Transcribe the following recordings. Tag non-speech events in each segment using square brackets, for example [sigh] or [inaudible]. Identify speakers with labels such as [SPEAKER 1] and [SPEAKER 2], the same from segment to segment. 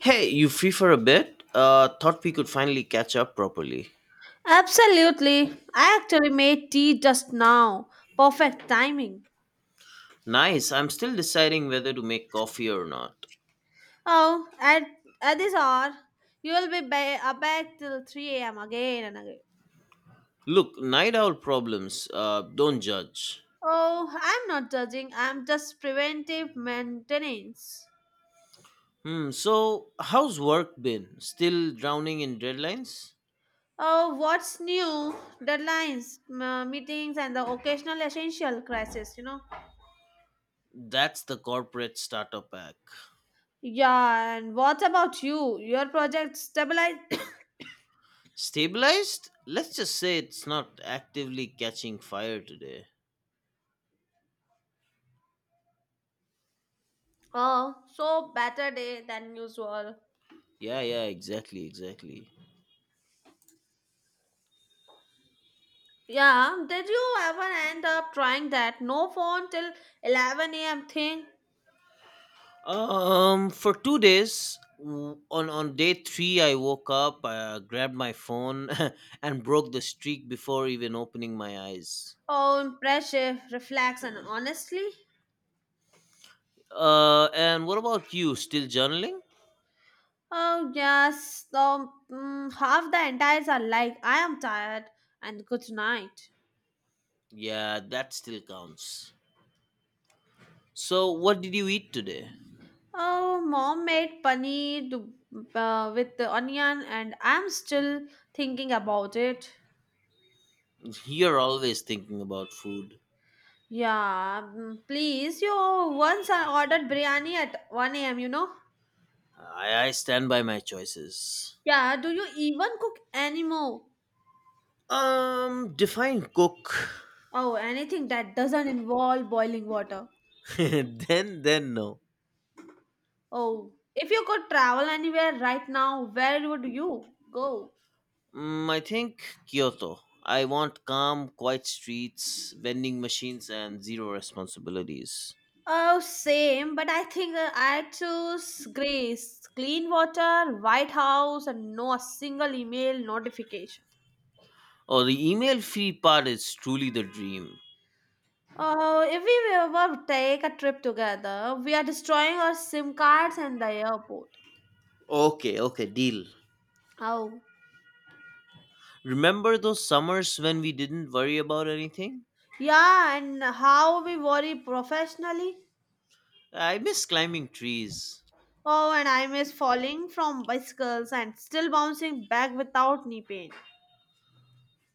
[SPEAKER 1] Hey, you free for a bit? Thought we could finally catch up properly.
[SPEAKER 2] Absolutely. I actually made tea just now. Perfect timing.
[SPEAKER 1] Nice, I'm still deciding whether to make coffee or not.
[SPEAKER 2] Oh, at this hour, you will be back till 3 a.m. again and again.
[SPEAKER 1] Look, night owl problems, don't judge.
[SPEAKER 2] Oh, I'm not judging. I'm just preventive maintenance.
[SPEAKER 1] Hmm, so how's work been? Still drowning in deadlines?
[SPEAKER 2] Oh, what's new? Deadlines, meetings, and the occasional essential crisis, you know?
[SPEAKER 1] That's the corporate starter pack.
[SPEAKER 2] Yeah, and what about you? Your project stabilized? [coughs]
[SPEAKER 1] Stabilized? Let's just say it's not actively catching fire today.
[SPEAKER 2] Oh, so better day than usual.
[SPEAKER 1] Yeah, yeah, exactly, exactly.
[SPEAKER 2] Yeah, did you ever end up trying that no phone till 11 a.m. thing?
[SPEAKER 1] For 2 days, on day three, I woke up, grabbed my phone, [laughs] and broke the streak before even opening my eyes.
[SPEAKER 2] Oh, impressive, reflex, and honestly,
[SPEAKER 1] And what about you? Still journaling?
[SPEAKER 2] oh, yes, half the entires are like, I am tired, and good night.
[SPEAKER 1] Yeah, that still counts. So, what did you eat today?
[SPEAKER 2] Oh, mom made paneer with the onion, and I'm still thinking about it.
[SPEAKER 1] You're always thinking about food.
[SPEAKER 2] Yeah, please, you once I ordered biryani at 1 a.m., you know?
[SPEAKER 1] I stand by my choices.
[SPEAKER 2] Yeah, do you even cook anymore?
[SPEAKER 1] Define cook.
[SPEAKER 2] Oh, anything that doesn't involve boiling water.
[SPEAKER 1] [laughs] Then no.
[SPEAKER 2] Oh, if you could travel anywhere right now, where would you go?
[SPEAKER 1] Mm, I think Kyoto. I want calm, quiet streets, vending machines, and zero responsibilities.
[SPEAKER 2] Oh, same, but I think I choose Grace. Clean water, White House, and no a single email notification.
[SPEAKER 1] Oh, the email free part is truly the dream.
[SPEAKER 2] Oh, if we ever take a trip together, we are destroying our SIM cards and the airport.
[SPEAKER 1] Okay, okay, deal.
[SPEAKER 2] Oh,
[SPEAKER 1] Remember those summers when we didn't worry about anything?
[SPEAKER 2] yeah, and how we worry professionally?
[SPEAKER 1] I miss climbing trees.
[SPEAKER 2] Oh, and I miss falling from bicycles and still bouncing back without knee pain.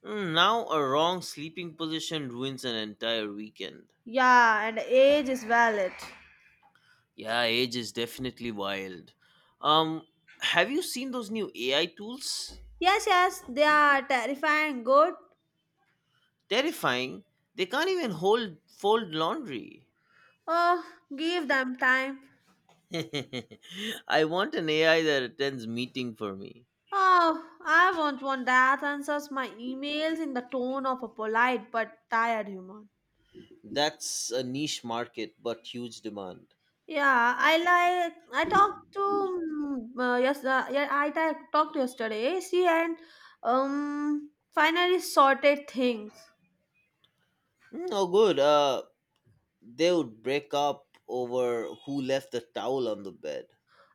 [SPEAKER 1] Mm, now, a wrong sleeping position ruins an entire weekend.
[SPEAKER 2] Yeah, and age is valid.
[SPEAKER 1] Yeah, age is definitely wild. Um, have you seen those new AI tools?
[SPEAKER 2] Yes, yes, they are terrifying good.
[SPEAKER 1] Terrifying. They can't even hold fold laundry.
[SPEAKER 2] Oh, give them time.
[SPEAKER 1] [laughs] I want an AI that attends meeting for me.
[SPEAKER 2] Oh, I won't want that answers my emails in the tone of a polite but tired human.
[SPEAKER 1] That's a niche market but huge demand.
[SPEAKER 2] Yeah, I like I talked to yes yeah I talked to yesterday. She and finally sorted things.
[SPEAKER 1] Mm, oh, good. They would break up over who left the towel on the bed.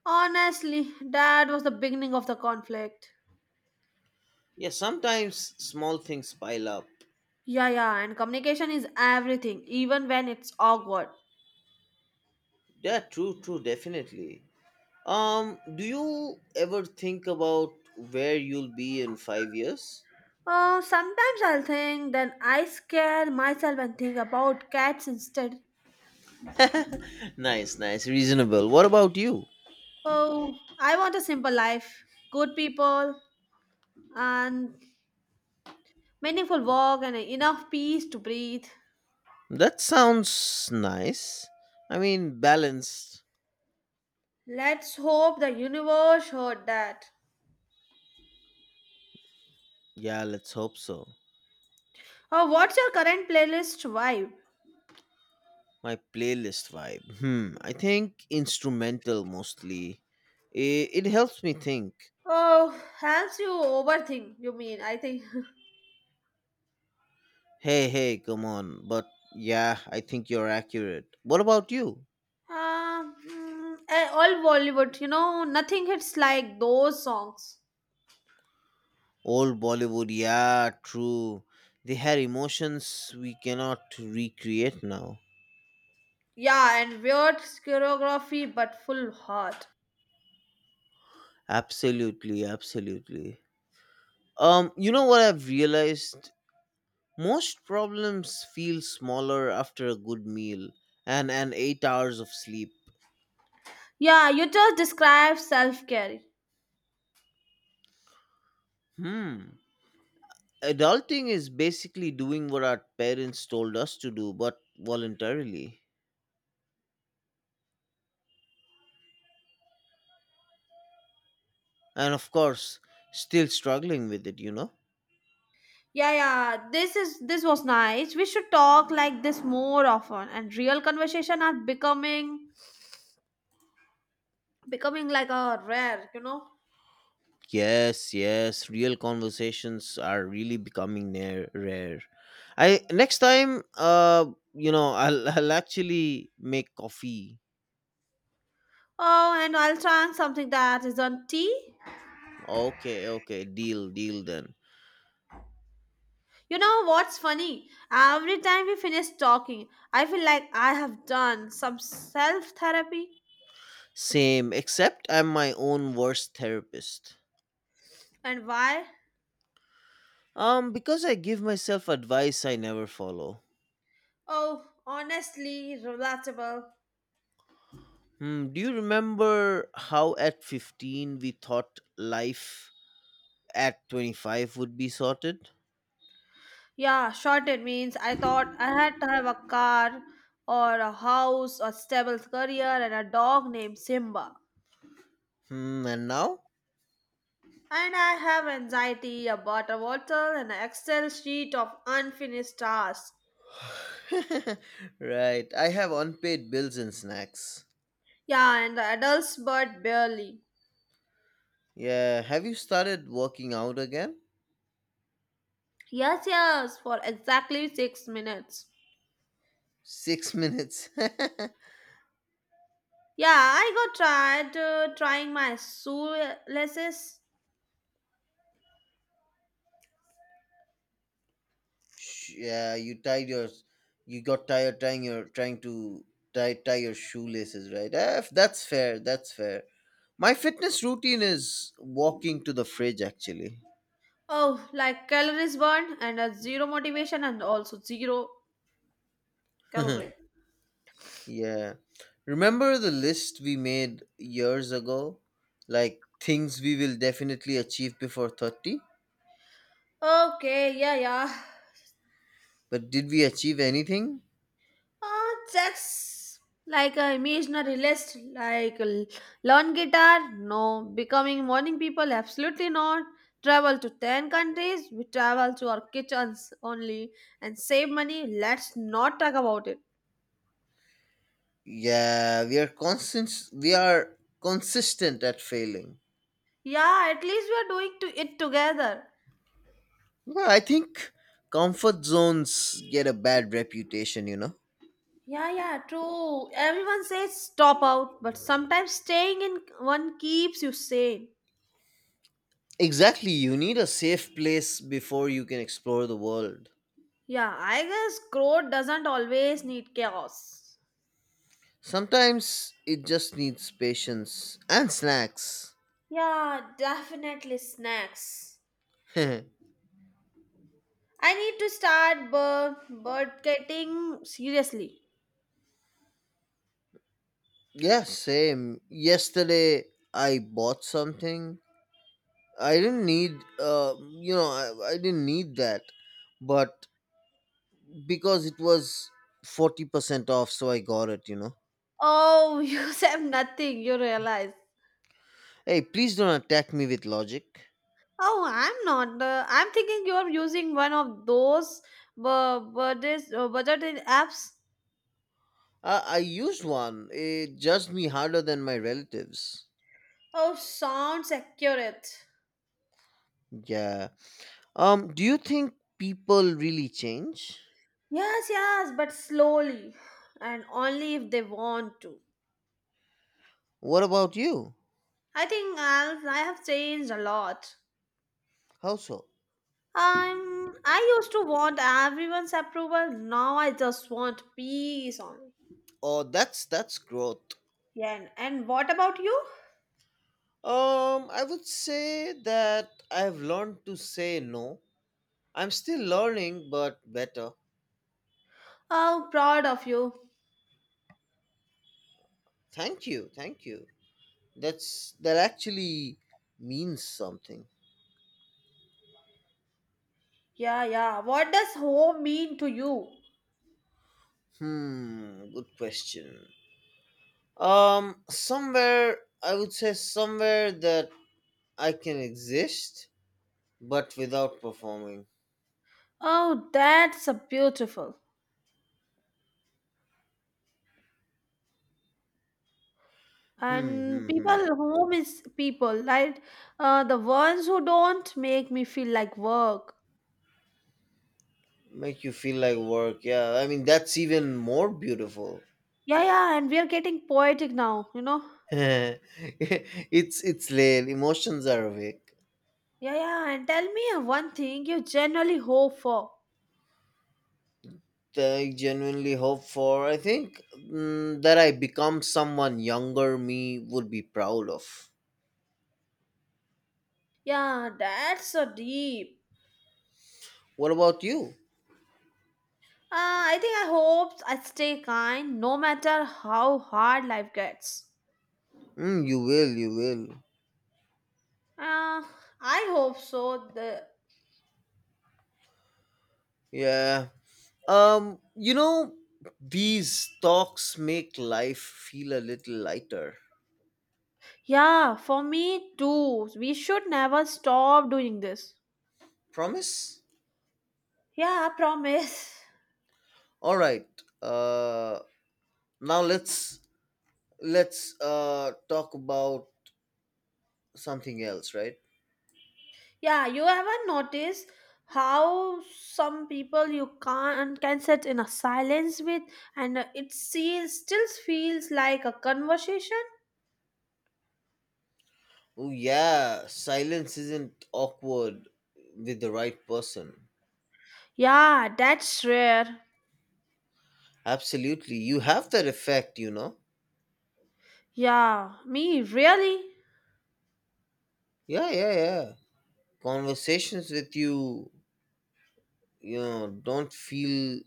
[SPEAKER 2] Honestly, that was the beginning of the conflict.
[SPEAKER 1] Yeah, sometimes small things pile up.
[SPEAKER 2] Yeah, yeah, and communication is everything, even when it's awkward.
[SPEAKER 1] Yeah, true, true, definitely. Do you ever think about where you'll be in 5 years?
[SPEAKER 2] Oh, sometimes I'll think, then I scare myself and think about cats instead.
[SPEAKER 1] [laughs] Nice, nice, reasonable. What about you?
[SPEAKER 2] Oh, I want a simple life, good people, and meaningful work, and enough peace to breathe.
[SPEAKER 1] That sounds nice. I mean, balanced.
[SPEAKER 2] Let's hope the universe heard that.
[SPEAKER 1] Yeah, let's hope so.
[SPEAKER 2] Oh, what's your current playlist vibe?
[SPEAKER 1] My playlist vibe. Hmm, I think instrumental mostly. It helps me think.
[SPEAKER 2] Oh, helps you overthink, you mean, I think. [laughs]
[SPEAKER 1] Hey, hey, come on. But yeah, I think you're accurate. What about you?
[SPEAKER 2] All Bollywood, nothing hits like those songs.
[SPEAKER 1] Old Bollywood, yeah, true. They had emotions we cannot recreate now.
[SPEAKER 2] Yeah, and weird choreography, but full heart.
[SPEAKER 1] Absolutely, absolutely. You know what I've realized? Most problems feel smaller after a good meal and an 8 hours of sleep.
[SPEAKER 2] Yeah, you just described self care.
[SPEAKER 1] Hmm. Adulting is basically doing what our parents told us to do, but voluntarily. And of course, still struggling with it.
[SPEAKER 2] Yeah, yeah, this was nice. We should talk like this more often. And real conversation are becoming like a rare.
[SPEAKER 1] Yes, yes, real conversations are really becoming near rare. I next time I'll [laughs] I'll actually make coffee.
[SPEAKER 2] Oh, and I'll try something that isn't tea.
[SPEAKER 1] Okay, okay, deal, deal then.
[SPEAKER 2] You know what's funny? Every time we finish talking, I feel like I have done some self therapy.
[SPEAKER 1] Same, except I'm my own worst therapist.
[SPEAKER 2] And why?
[SPEAKER 1] Because I give myself advice I never follow.
[SPEAKER 2] Oh, honestly, relatable.
[SPEAKER 1] Hmm, do you remember how at 15 we thought life at 25 would be sorted?
[SPEAKER 2] Yeah, shorted means I thought I had to have a car or a house, a stable career, and a dog named Simba.
[SPEAKER 1] Hmm, and now?
[SPEAKER 2] And I have anxiety about a bottle and an Excel sheet of unfinished tasks.
[SPEAKER 1] [laughs] Right, I have unpaid bills and snacks.
[SPEAKER 2] Yeah, and the adults, but barely.
[SPEAKER 1] Yeah, have you started working out again?
[SPEAKER 2] Yes, yes, for exactly 6 minutes.
[SPEAKER 1] Six [laughs] minutes. [laughs]
[SPEAKER 2] Yeah, I got tried trying my shoelaces.
[SPEAKER 1] Yeah, you got tired trying to tie your shoelaces, right? Eh, that's fair, that's fair. My fitness routine is walking to the fridge actually.
[SPEAKER 2] Oh, like calories burned and a zero motivation and also zero calorie.
[SPEAKER 1] [laughs] Yeah, remember the list we made years ago, like things we will definitely achieve before 30?
[SPEAKER 2] Okay, yeah, yeah.
[SPEAKER 1] But did we achieve anything?
[SPEAKER 2] That's like a imaginary list, like learn guitar, no. Becoming morning people, absolutely not. Travel to 10 countries, we travel to our kitchens only and save money. Let's not talk about it.
[SPEAKER 1] Yeah, we are consistent at failing.
[SPEAKER 2] Yeah, at least we are doing to it together.
[SPEAKER 1] Well, I think comfort zones get a bad reputation, you know?
[SPEAKER 2] Yeah, yeah, true. Everyone says stop out, but sometimes staying in one keeps you sane.
[SPEAKER 1] Exactly, you need a safe place before you can explore the world.
[SPEAKER 2] Yeah, I guess growth doesn't always need chaos.
[SPEAKER 1] Sometimes it just needs patience and snacks.
[SPEAKER 2] Yeah, definitely snacks.
[SPEAKER 1] [laughs] Yeah,
[SPEAKER 2] I need to start bird getting seriously.
[SPEAKER 1] same. Yesterday I bought something I didn't need, I didn't need that. But because it was 40% off, so I got it, you know?
[SPEAKER 2] Oh, [laughs] you said nothing, you realize.
[SPEAKER 1] Hey, please don't attack me with logic.
[SPEAKER 2] Oh, I'm not. I'm thinking you're using one of those budgeting apps.
[SPEAKER 1] I used one. It judged me harder than my relatives.
[SPEAKER 2] Oh, sounds accurate.
[SPEAKER 1] Yeah. Um, do you think people really change?
[SPEAKER 2] Yes, yes, but slowly and only if they want to.
[SPEAKER 1] What about you?
[SPEAKER 2] I think I have changed a lot.
[SPEAKER 1] How so?
[SPEAKER 2] I used to want everyone's approval. Now I just want peace only.
[SPEAKER 1] Oh, that's growth.
[SPEAKER 2] Yeah, and what about you?
[SPEAKER 1] I would say that I've learned to say no. I'm still learning, but better.
[SPEAKER 2] Oh, proud of you.
[SPEAKER 1] Thank you, thank you. That's that actually means something.
[SPEAKER 2] Yeah, yeah. What does home mean to you?
[SPEAKER 1] Hmm. Good question. Somewhere I would say somewhere that I can exist, but without performing.
[SPEAKER 2] Oh, that's a beautiful.
[SPEAKER 1] Hmm,
[SPEAKER 2] And
[SPEAKER 1] hmm, hmm.
[SPEAKER 2] people, home is people, right? The ones who don't make me feel like work.
[SPEAKER 1] Make you feel like work. Yeah, I mean that's even more beautiful.
[SPEAKER 2] Yeah, yeah, and we are getting poetic now.
[SPEAKER 1] [laughs] It's late. Emotions are awake.
[SPEAKER 2] Yeah, yeah, and tell me one thing you generally hope for.
[SPEAKER 1] I genuinely hope for. I think mm, that I become someone younger me would be proud of.
[SPEAKER 2] Yeah, that's so deep.
[SPEAKER 1] What about you?
[SPEAKER 2] Uh, I think I hope I stay kind no matter how hard life gets.
[SPEAKER 1] Mm, you will. You will.
[SPEAKER 2] Uh, I hope so. The
[SPEAKER 1] Yeah. Um, you know, these talks make life feel a little lighter.
[SPEAKER 2] yeah, for me too. We should never stop doing this.
[SPEAKER 1] Promise?
[SPEAKER 2] Yeah, I promise. [laughs]
[SPEAKER 1] All right. Uh, Now let's talk about something else, right?
[SPEAKER 2] Yeah, you ever notice how some people you can't can sit in a silence with and it still feels like a conversation?
[SPEAKER 1] Oh yeah, silence isn't awkward with the right person.
[SPEAKER 2] Yeah, that's rare.
[SPEAKER 1] Absolutely, you have that effect, you know.
[SPEAKER 2] Yeah, me really?
[SPEAKER 1] Yeah, yeah, yeah. Conversations with you, you know, don't feel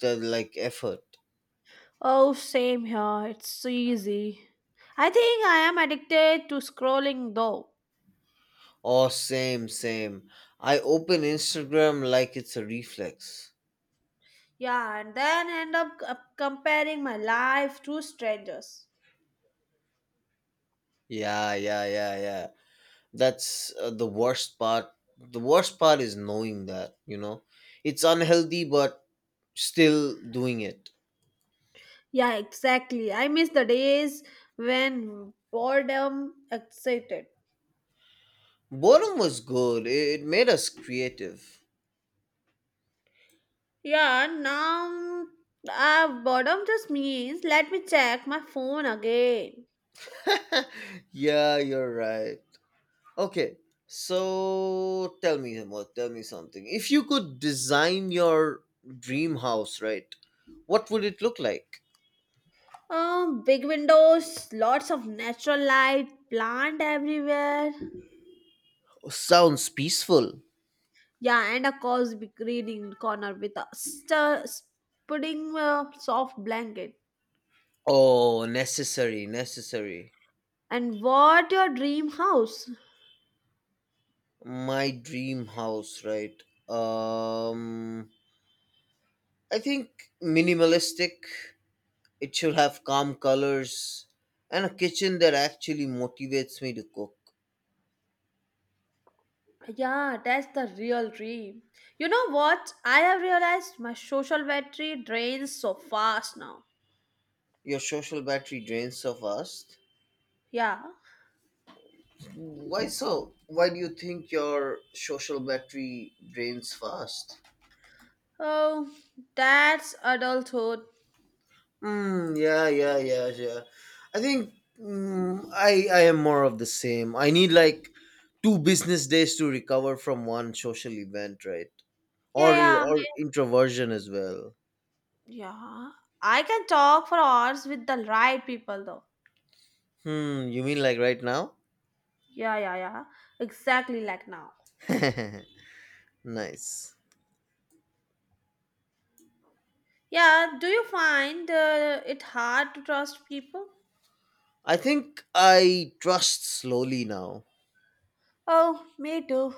[SPEAKER 1] the like effort.
[SPEAKER 2] Oh, same here. It's easy. I think I am addicted to scrolling though.
[SPEAKER 1] Oh, same, same. I open Instagram like it's a reflex.
[SPEAKER 2] Yeah, and then end up comparing my life to strangers.
[SPEAKER 1] Yeah, yeah, yeah, yeah. that's the worst part, is knowing that, you know, it's unhealthy but still doing it.
[SPEAKER 2] Yeah, exactly. I miss the days when boredom excited.
[SPEAKER 1] Boredom was good. It made us creative.
[SPEAKER 2] Yeah, now boredom just means let me check my phone again.
[SPEAKER 1] [laughs] Yeah, you're right. Okay, so tell me something. If you could design your dream house, right, what would it look like?
[SPEAKER 2] Big windows, lots of natural light, plant everywhere.
[SPEAKER 1] Sounds peaceful.
[SPEAKER 2] Yeah, and a cozy reading corner with a pudding soft blanket.
[SPEAKER 1] Oh, necessary, necessary.
[SPEAKER 2] And what your dream house?
[SPEAKER 1] My dream house, right? Um, I think minimalistic. It should have calm colors and a kitchen that actually motivates me to cook.
[SPEAKER 2] Yeah, that's the real dream. You know what? I have realized my social battery drains so fast now.
[SPEAKER 1] Your social battery drains so fast.
[SPEAKER 2] Yeah.
[SPEAKER 1] Why so? Why do you think your social battery drains fast?
[SPEAKER 2] Oh, that's adulthood.
[SPEAKER 1] Mm, yeah, yeah, yeah, yeah. I think mm, I am more of the same. I need like two business days to recover from one social event, right?
[SPEAKER 2] Yeah,
[SPEAKER 1] Or
[SPEAKER 2] yeah. I mean.
[SPEAKER 1] introversion as well.
[SPEAKER 2] Yeah. I can talk for hours with the right people though.
[SPEAKER 1] Hmm, you mean like right now?
[SPEAKER 2] Yeah, yeah, yeah. Exactly like now.
[SPEAKER 1] [laughs] Nice.
[SPEAKER 2] Yeah, do you find it hard to trust people?
[SPEAKER 1] I think I trust slowly now.
[SPEAKER 2] Oh, me too.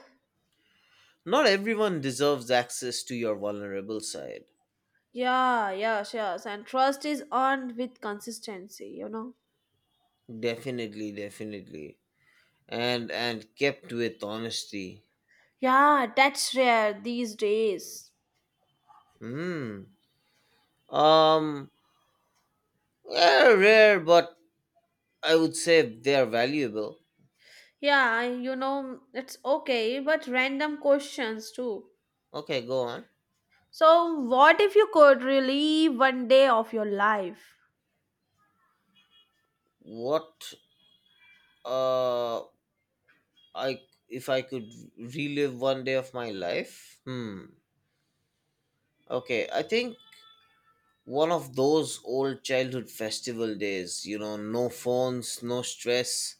[SPEAKER 1] Not everyone deserves access to your vulnerable side.
[SPEAKER 2] Yeah, yes, yes. And trust is earned with consistency.
[SPEAKER 1] Definitely, definitely. And kept with honesty.
[SPEAKER 2] Yeah, that's rare these days.
[SPEAKER 1] Hmm. Um, they're rare, but I would say they're valuable.
[SPEAKER 2] Yeah, it's okay, but random questions too.
[SPEAKER 1] Okay, go on.
[SPEAKER 2] So, what if you could relive one day of your life?
[SPEAKER 1] What uh I If I could relive one day of my life? Hmm. Okay, I think one of those old childhood festival days, you know, no phones, no stress,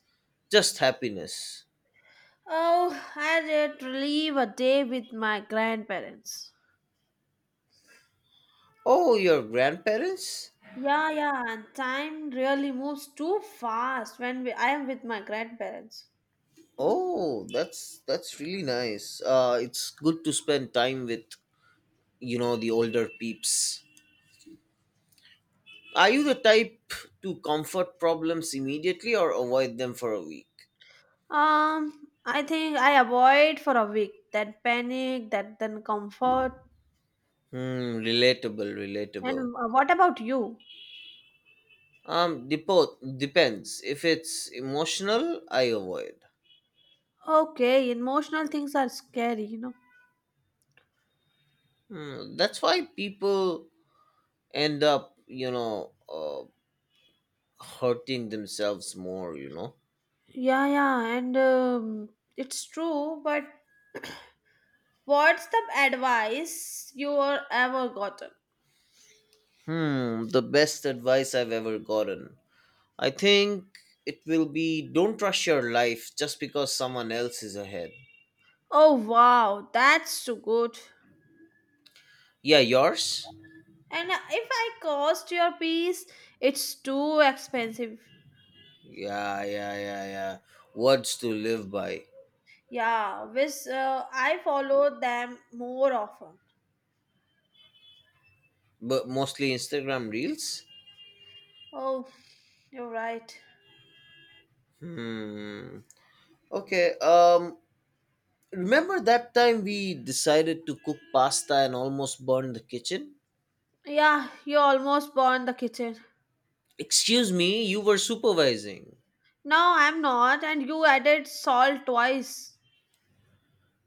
[SPEAKER 1] just happiness.
[SPEAKER 2] Oh, I did relive a day with my grandparents.
[SPEAKER 1] Oh, your grandparents?
[SPEAKER 2] Yeah, yeah, and time really moves too fast when I am with my grandparents.
[SPEAKER 1] Oh, that's really nice. Uh, it's good to spend time with, you know, the older peeps. Are you the type to comfort problems immediately or avoid them for a week?
[SPEAKER 2] I think I avoid for a week that panic, that then comfort.
[SPEAKER 1] Hmm, relatable,
[SPEAKER 2] And
[SPEAKER 1] relatable.
[SPEAKER 2] what about you?
[SPEAKER 1] Depends. If it's emotional, I avoid.
[SPEAKER 2] Okay, emotional things are scary.
[SPEAKER 1] Hmm, that's why people end up, hurting themselves more, you know.
[SPEAKER 2] Yeah, yeah, and it's true, but what's the advice you were ever gotten?
[SPEAKER 1] Hmm, the best advice I've ever gotten. I think it will be, don't rush your life just because someone else is ahead.
[SPEAKER 2] Oh, wow, that's too good.
[SPEAKER 1] Yeah, yours?
[SPEAKER 2] And if I cost your piece, it's too expensive.
[SPEAKER 1] Yeah, yeah, yeah, yeah. Words to live by.
[SPEAKER 2] Yeah, which I follow them more often.
[SPEAKER 1] But mostly Instagram reels?
[SPEAKER 2] Oh, you're right.
[SPEAKER 1] Hmm. Okay. Um, remember that time we decided to cook pasta and almost burned the kitchen?
[SPEAKER 2] Yeah, you almost burned the kitchen.
[SPEAKER 1] Excuse me, you were supervising.
[SPEAKER 2] No, I'm not, and you added salt twice.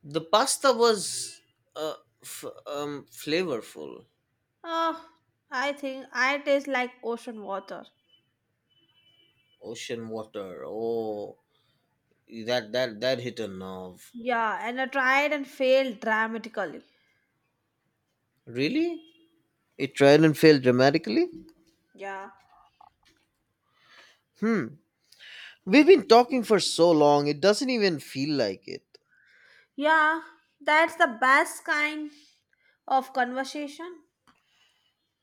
[SPEAKER 1] The pasta was uh flavorful.
[SPEAKER 2] Oh, I think I taste like ocean water.
[SPEAKER 1] Ocean water. Oh, that hit a nerve.
[SPEAKER 2] Yeah, and I tried and failed dramatically.
[SPEAKER 1] Really? It tried and failed dramatically?
[SPEAKER 2] Yeah.
[SPEAKER 1] Hmm. We've been talking for so long, it doesn't even feel like it.
[SPEAKER 2] Yeah, that's the best kind of conversation.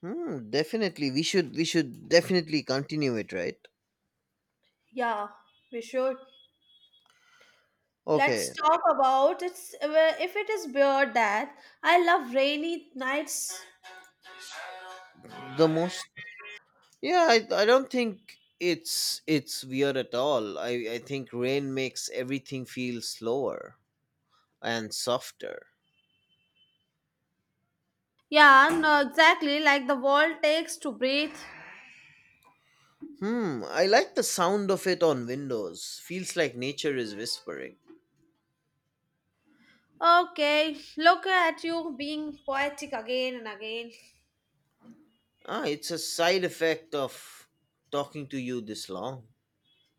[SPEAKER 1] Hmm, definitely. We should definitely continue it, right?
[SPEAKER 2] Yeah, we should. Let's
[SPEAKER 1] Okay.
[SPEAKER 2] talk about it's well, if it is beer that I love rainy nights.
[SPEAKER 1] The most. Yeah, I don't think it's weird at all. I think rain makes everything feel slower and softer.
[SPEAKER 2] Yeah, no, exactly like the world takes to breathe.
[SPEAKER 1] Hmm, I like the sound of it on windows. Feels like nature is whispering.
[SPEAKER 2] Okay, look at you being poetic again and again.
[SPEAKER 1] Ah, it's a side effect of talking to you this long.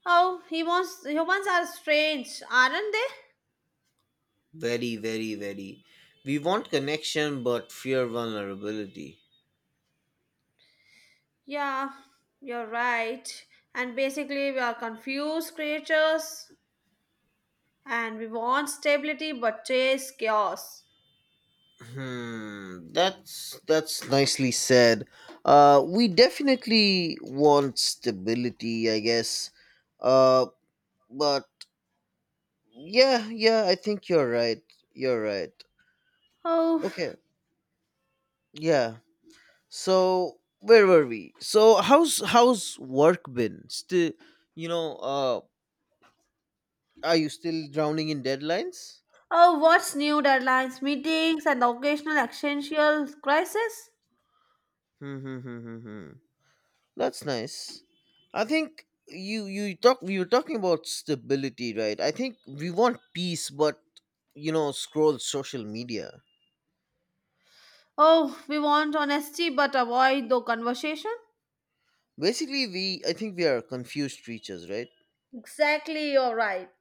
[SPEAKER 2] Oh, humans are strange, aren't they?
[SPEAKER 1] Very, very, very. We want connection but fear vulnerability.
[SPEAKER 2] Yeah, you're right. And basically, we are confused creatures and we want stability but chase chaos.
[SPEAKER 1] Hmm, that's nicely said. We definitely want stability, I guess. Uh, but yeah, yeah, I think you're right. You're right.
[SPEAKER 2] Oh,
[SPEAKER 1] Okay, yeah. So where were we? So how's work been? Still, you know, uh, are you still drowning in deadlines?
[SPEAKER 2] oh, what's new deadlines, meetings, and the occasional existential crisis?
[SPEAKER 1] Hmm. Hmm, hmm, hmm, hmm. That's nice. I think you were talking about stability, right? I think we want peace, but you know, scroll social media.
[SPEAKER 2] Oh, we want honesty but avoid the conversation?
[SPEAKER 1] Basically, we I think we are confused creatures, right?
[SPEAKER 2] Exactly, you're right.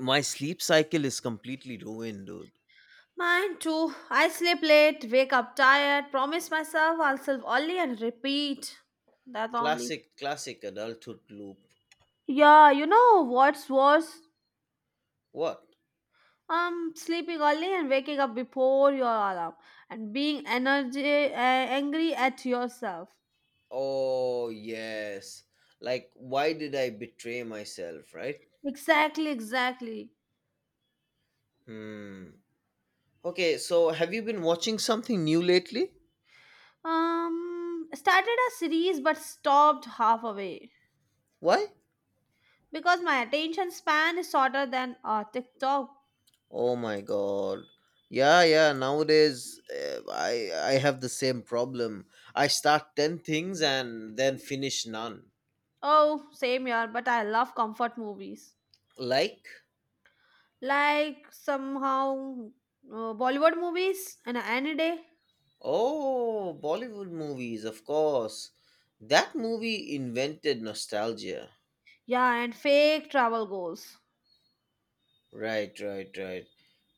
[SPEAKER 1] My sleep cycle is completely ruined, dude.
[SPEAKER 2] Mine too. I sleep late, wake up tired, promise myself I'll sleep early and repeat. That only.
[SPEAKER 1] Classic, classic adulthood loop.
[SPEAKER 2] Yeah, you know what's worse?
[SPEAKER 1] What?
[SPEAKER 2] Sleeping early and waking up before your alarm and being energy angry at yourself.
[SPEAKER 1] Oh yes. Like, why did I betray myself, right?
[SPEAKER 2] Exactly, exactly.
[SPEAKER 1] Hmm. Okay, so have you been watching something new lately?
[SPEAKER 2] Started a series but stopped halfway
[SPEAKER 1] Why?
[SPEAKER 2] because my attention span is shorter than TikTok.
[SPEAKER 1] Oh my god. Yeah, yeah, nowadays I have the same problem. I start 10 things and then finish none.
[SPEAKER 2] Oh, same here, but I love comfort movies
[SPEAKER 1] Like,
[SPEAKER 2] like somehow Bollywood movies and any day.
[SPEAKER 1] oh, Bollywood movies, of course. That movie invented nostalgia.
[SPEAKER 2] Yeah, and fake travel goals.
[SPEAKER 1] Right, right, right.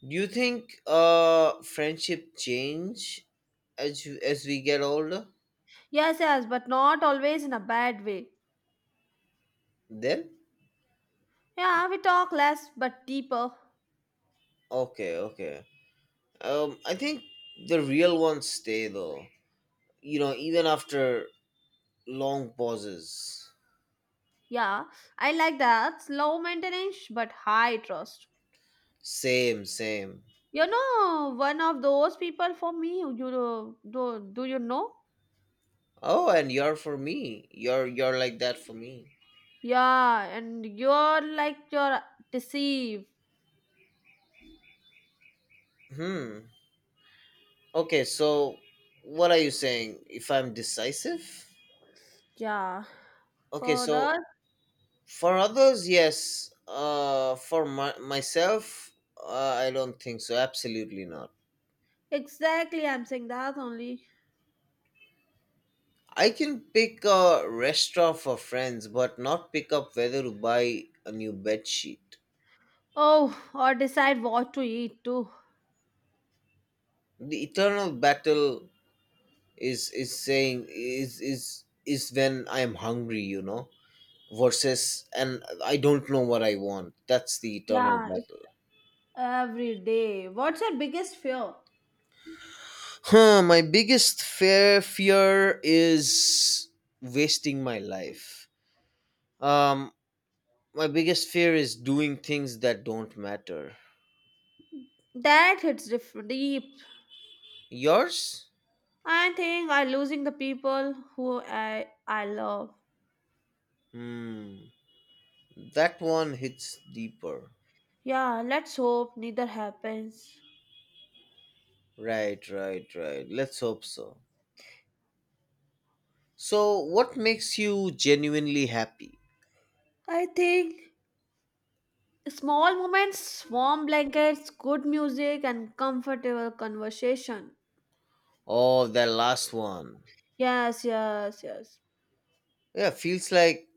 [SPEAKER 1] Do you think friendship change as as we get older?
[SPEAKER 2] Yes, yes, but not always in a bad way.
[SPEAKER 1] Then?
[SPEAKER 2] Yeah, we talk less but deeper.
[SPEAKER 1] Okay, okay. Um, I think the real ones stay though. You know, even after long pauses.
[SPEAKER 2] Yeah, I like that. Slow maintenance but high trust.
[SPEAKER 1] Same, same.
[SPEAKER 2] You know, one of those people for me, do you know?
[SPEAKER 1] Oh, and you're for me. You're like that for me.
[SPEAKER 2] Yeah, and you're like you're deceived.
[SPEAKER 1] Hmm. Okay, so what are you saying? If I'm decisive?
[SPEAKER 2] Yeah,
[SPEAKER 1] Okay,
[SPEAKER 2] for
[SPEAKER 1] so
[SPEAKER 2] that.
[SPEAKER 1] for others, yes. For myself, I don't think so. Absolutely not.
[SPEAKER 2] Exactly, I'm saying that only.
[SPEAKER 1] I can pick a restaurant for friends, but not pick up whether to buy a new bed sheet.
[SPEAKER 2] Oh, or decide what to eat too.
[SPEAKER 1] The eternal battle is saying is when I am hungry, you know, versus and I don't know what I want. That's the eternal
[SPEAKER 2] Yeah, it's
[SPEAKER 1] battle.
[SPEAKER 2] every day. What's your biggest fear?
[SPEAKER 1] Huh, my biggest fear is wasting my life. Um, my biggest fear is doing things that don't matter.
[SPEAKER 2] That hits different deep.
[SPEAKER 1] Yours?
[SPEAKER 2] I think I losing the people who I love.
[SPEAKER 1] Hmm, that one hits deeper.
[SPEAKER 2] Yeah, let's hope neither happens.
[SPEAKER 1] Right, right, right, let's hope so. So what makes you genuinely happy?
[SPEAKER 2] I think small moments, warm blankets, good music, and comfortable conversation.
[SPEAKER 1] Oh, that last one.
[SPEAKER 2] Yes, yes, yes.
[SPEAKER 1] Yeah, feels like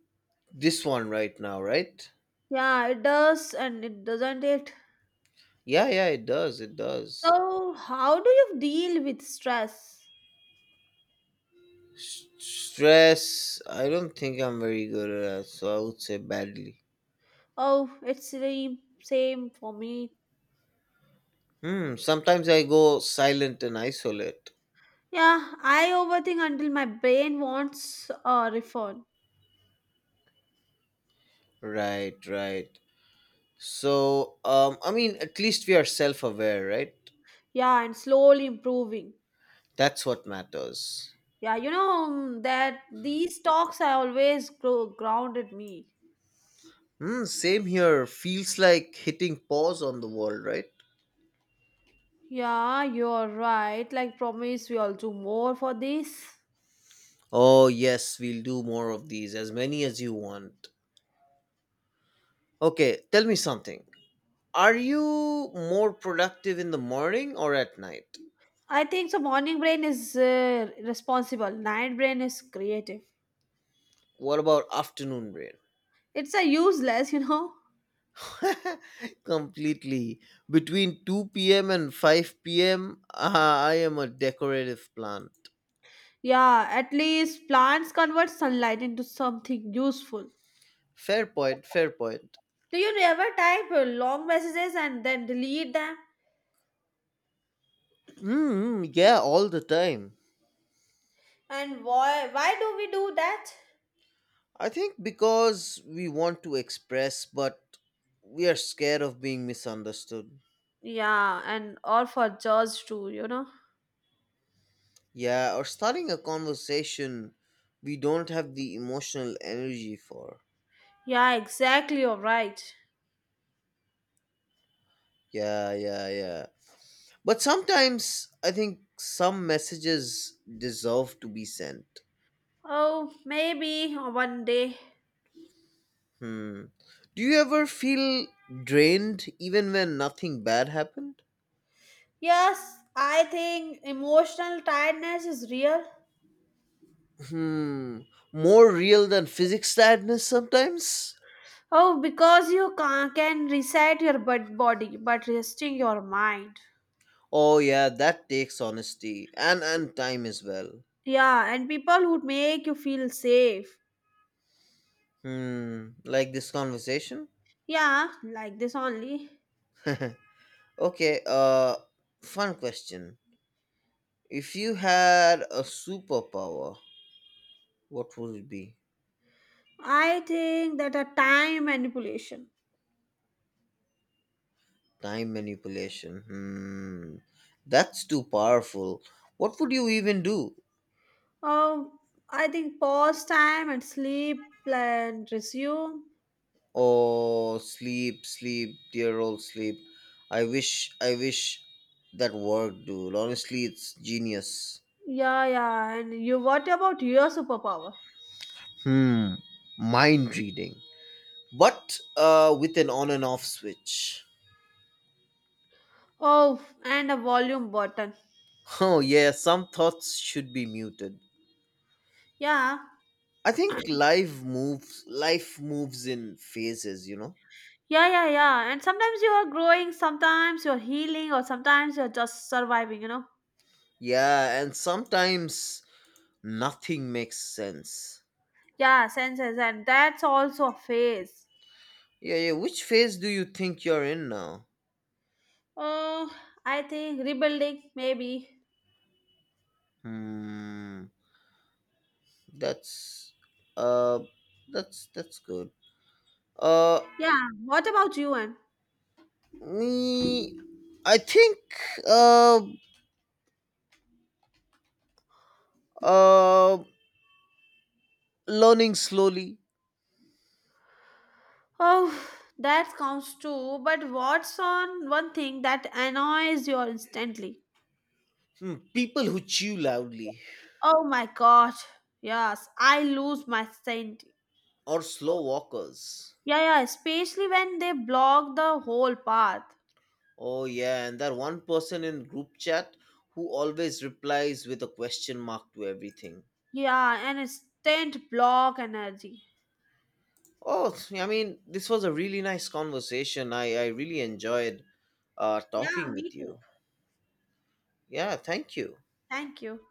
[SPEAKER 1] this one right now, right?
[SPEAKER 2] Yeah, it does and it doesn't it.
[SPEAKER 1] Yeah, yeah, it does. It does.
[SPEAKER 2] So, how do you deal with stress?
[SPEAKER 1] Stress, I don't think I'm very good at that, so I would say badly.
[SPEAKER 2] Oh, it's the same for me.
[SPEAKER 1] Hmm, sometimes I go silent and isolate.
[SPEAKER 2] Yeah, I overthink until my brain wants a refund.
[SPEAKER 1] Right, right. So, I mean, at least we are self aware, right?
[SPEAKER 2] Yeah, and slowly improving.
[SPEAKER 1] That's what matters.
[SPEAKER 2] Yeah, that these talks I always grow grounded me.
[SPEAKER 1] Hmm, same here. Feels like hitting pause on the world, right?
[SPEAKER 2] Yeah, you're right. Like promise we all do more for this.
[SPEAKER 1] Oh, yes, we'll do more of these, as many as you want. Okay, tell me something. Are you more productive in the morning or at night?
[SPEAKER 2] I think so morning brain is responsible. Night brain is creative.
[SPEAKER 1] What about afternoon brain?
[SPEAKER 2] It's a useless, [laughs] you know.
[SPEAKER 1] [laughs] Completely. Between 2 p.m. and 5 p.m., ah, I am a decorative plant.
[SPEAKER 2] Yeah, at least plants convert sunlight into something useful.
[SPEAKER 1] Fair point, fair point.
[SPEAKER 2] Do you ever type long messages and then delete them?
[SPEAKER 1] Mm, yeah, all the time.
[SPEAKER 2] And why do we do that?
[SPEAKER 1] I think because we want to express, but we are scared of being misunderstood.
[SPEAKER 2] Yeah, and or for judge too.
[SPEAKER 1] Yeah, or starting a conversation we don't have the emotional energy for.
[SPEAKER 2] Yeah, exactly. You're right.
[SPEAKER 1] Yeah, yeah, yeah. But sometimes I think some messages deserve to be sent.
[SPEAKER 2] Oh, maybe one day.
[SPEAKER 1] Hmm. Do you ever feel drained even when nothing bad happened?
[SPEAKER 2] Yes, I think emotional tiredness is real.
[SPEAKER 1] Hmm. More real than physics sadness sometimes?
[SPEAKER 2] Oh, because you can reset your body but resting your mind.
[SPEAKER 1] Oh yeah, that takes honesty and time as well.
[SPEAKER 2] Yeah, and people would make you feel safe.
[SPEAKER 1] Hmm. Like this conversation?
[SPEAKER 2] Yeah, like this only.
[SPEAKER 1] [laughs] Okay, fun question. If you had a superpower, what would it be?
[SPEAKER 2] I think that a time manipulation.
[SPEAKER 1] Time manipulation. Hmm, that's too powerful. What would you even do?
[SPEAKER 2] Oh, I think pause time and sleep and resume.
[SPEAKER 1] Oh, sleep, sleep, dear old sleep. I wish that worked, dude. Honestly, it's genius.
[SPEAKER 2] Yeah, yeah. And you, what about your superpower?
[SPEAKER 1] Hmm, mind reading, but with an on and off switch. [laughs]
[SPEAKER 2] Oh, and a volume button.
[SPEAKER 1] Oh yeah, some thoughts should be muted.
[SPEAKER 2] Yeah,
[SPEAKER 1] I think life moves in phases, you know?
[SPEAKER 2] yeah, yeah, yeah. And sometimes you are growing, sometimes you're healing, or sometimes you're just surviving, you know?
[SPEAKER 1] Yeah, and sometimes nothing makes sense.
[SPEAKER 2] Yeah, senses, and that's also a phase.
[SPEAKER 1] Yeah, yeah. Which phase do you think you're in now?
[SPEAKER 2] Oh, I think rebuilding, maybe.
[SPEAKER 1] Hmm, that's uh that's good. Uh
[SPEAKER 2] Yeah, what about you, Anne?
[SPEAKER 1] me I think uh uh learning slowly.
[SPEAKER 2] Oh, that counts too, but what's on one thing that annoys you instantly?
[SPEAKER 1] Hmm, people who chew loudly
[SPEAKER 2] Oh my god, yes, I lose my sanity.
[SPEAKER 1] or slow walkers.
[SPEAKER 2] Yeah, yeah, especially when they block the whole path.
[SPEAKER 1] Oh yeah, and that one person in group chat who always replies with a question mark to everything.
[SPEAKER 2] Yeah, and instant block energy.
[SPEAKER 1] Oh, I mean, this was a really nice conversation. I really enjoyed
[SPEAKER 2] Yeah,
[SPEAKER 1] talking
[SPEAKER 2] me
[SPEAKER 1] with
[SPEAKER 2] too.
[SPEAKER 1] you. Yeah, thank you.
[SPEAKER 2] Thank you.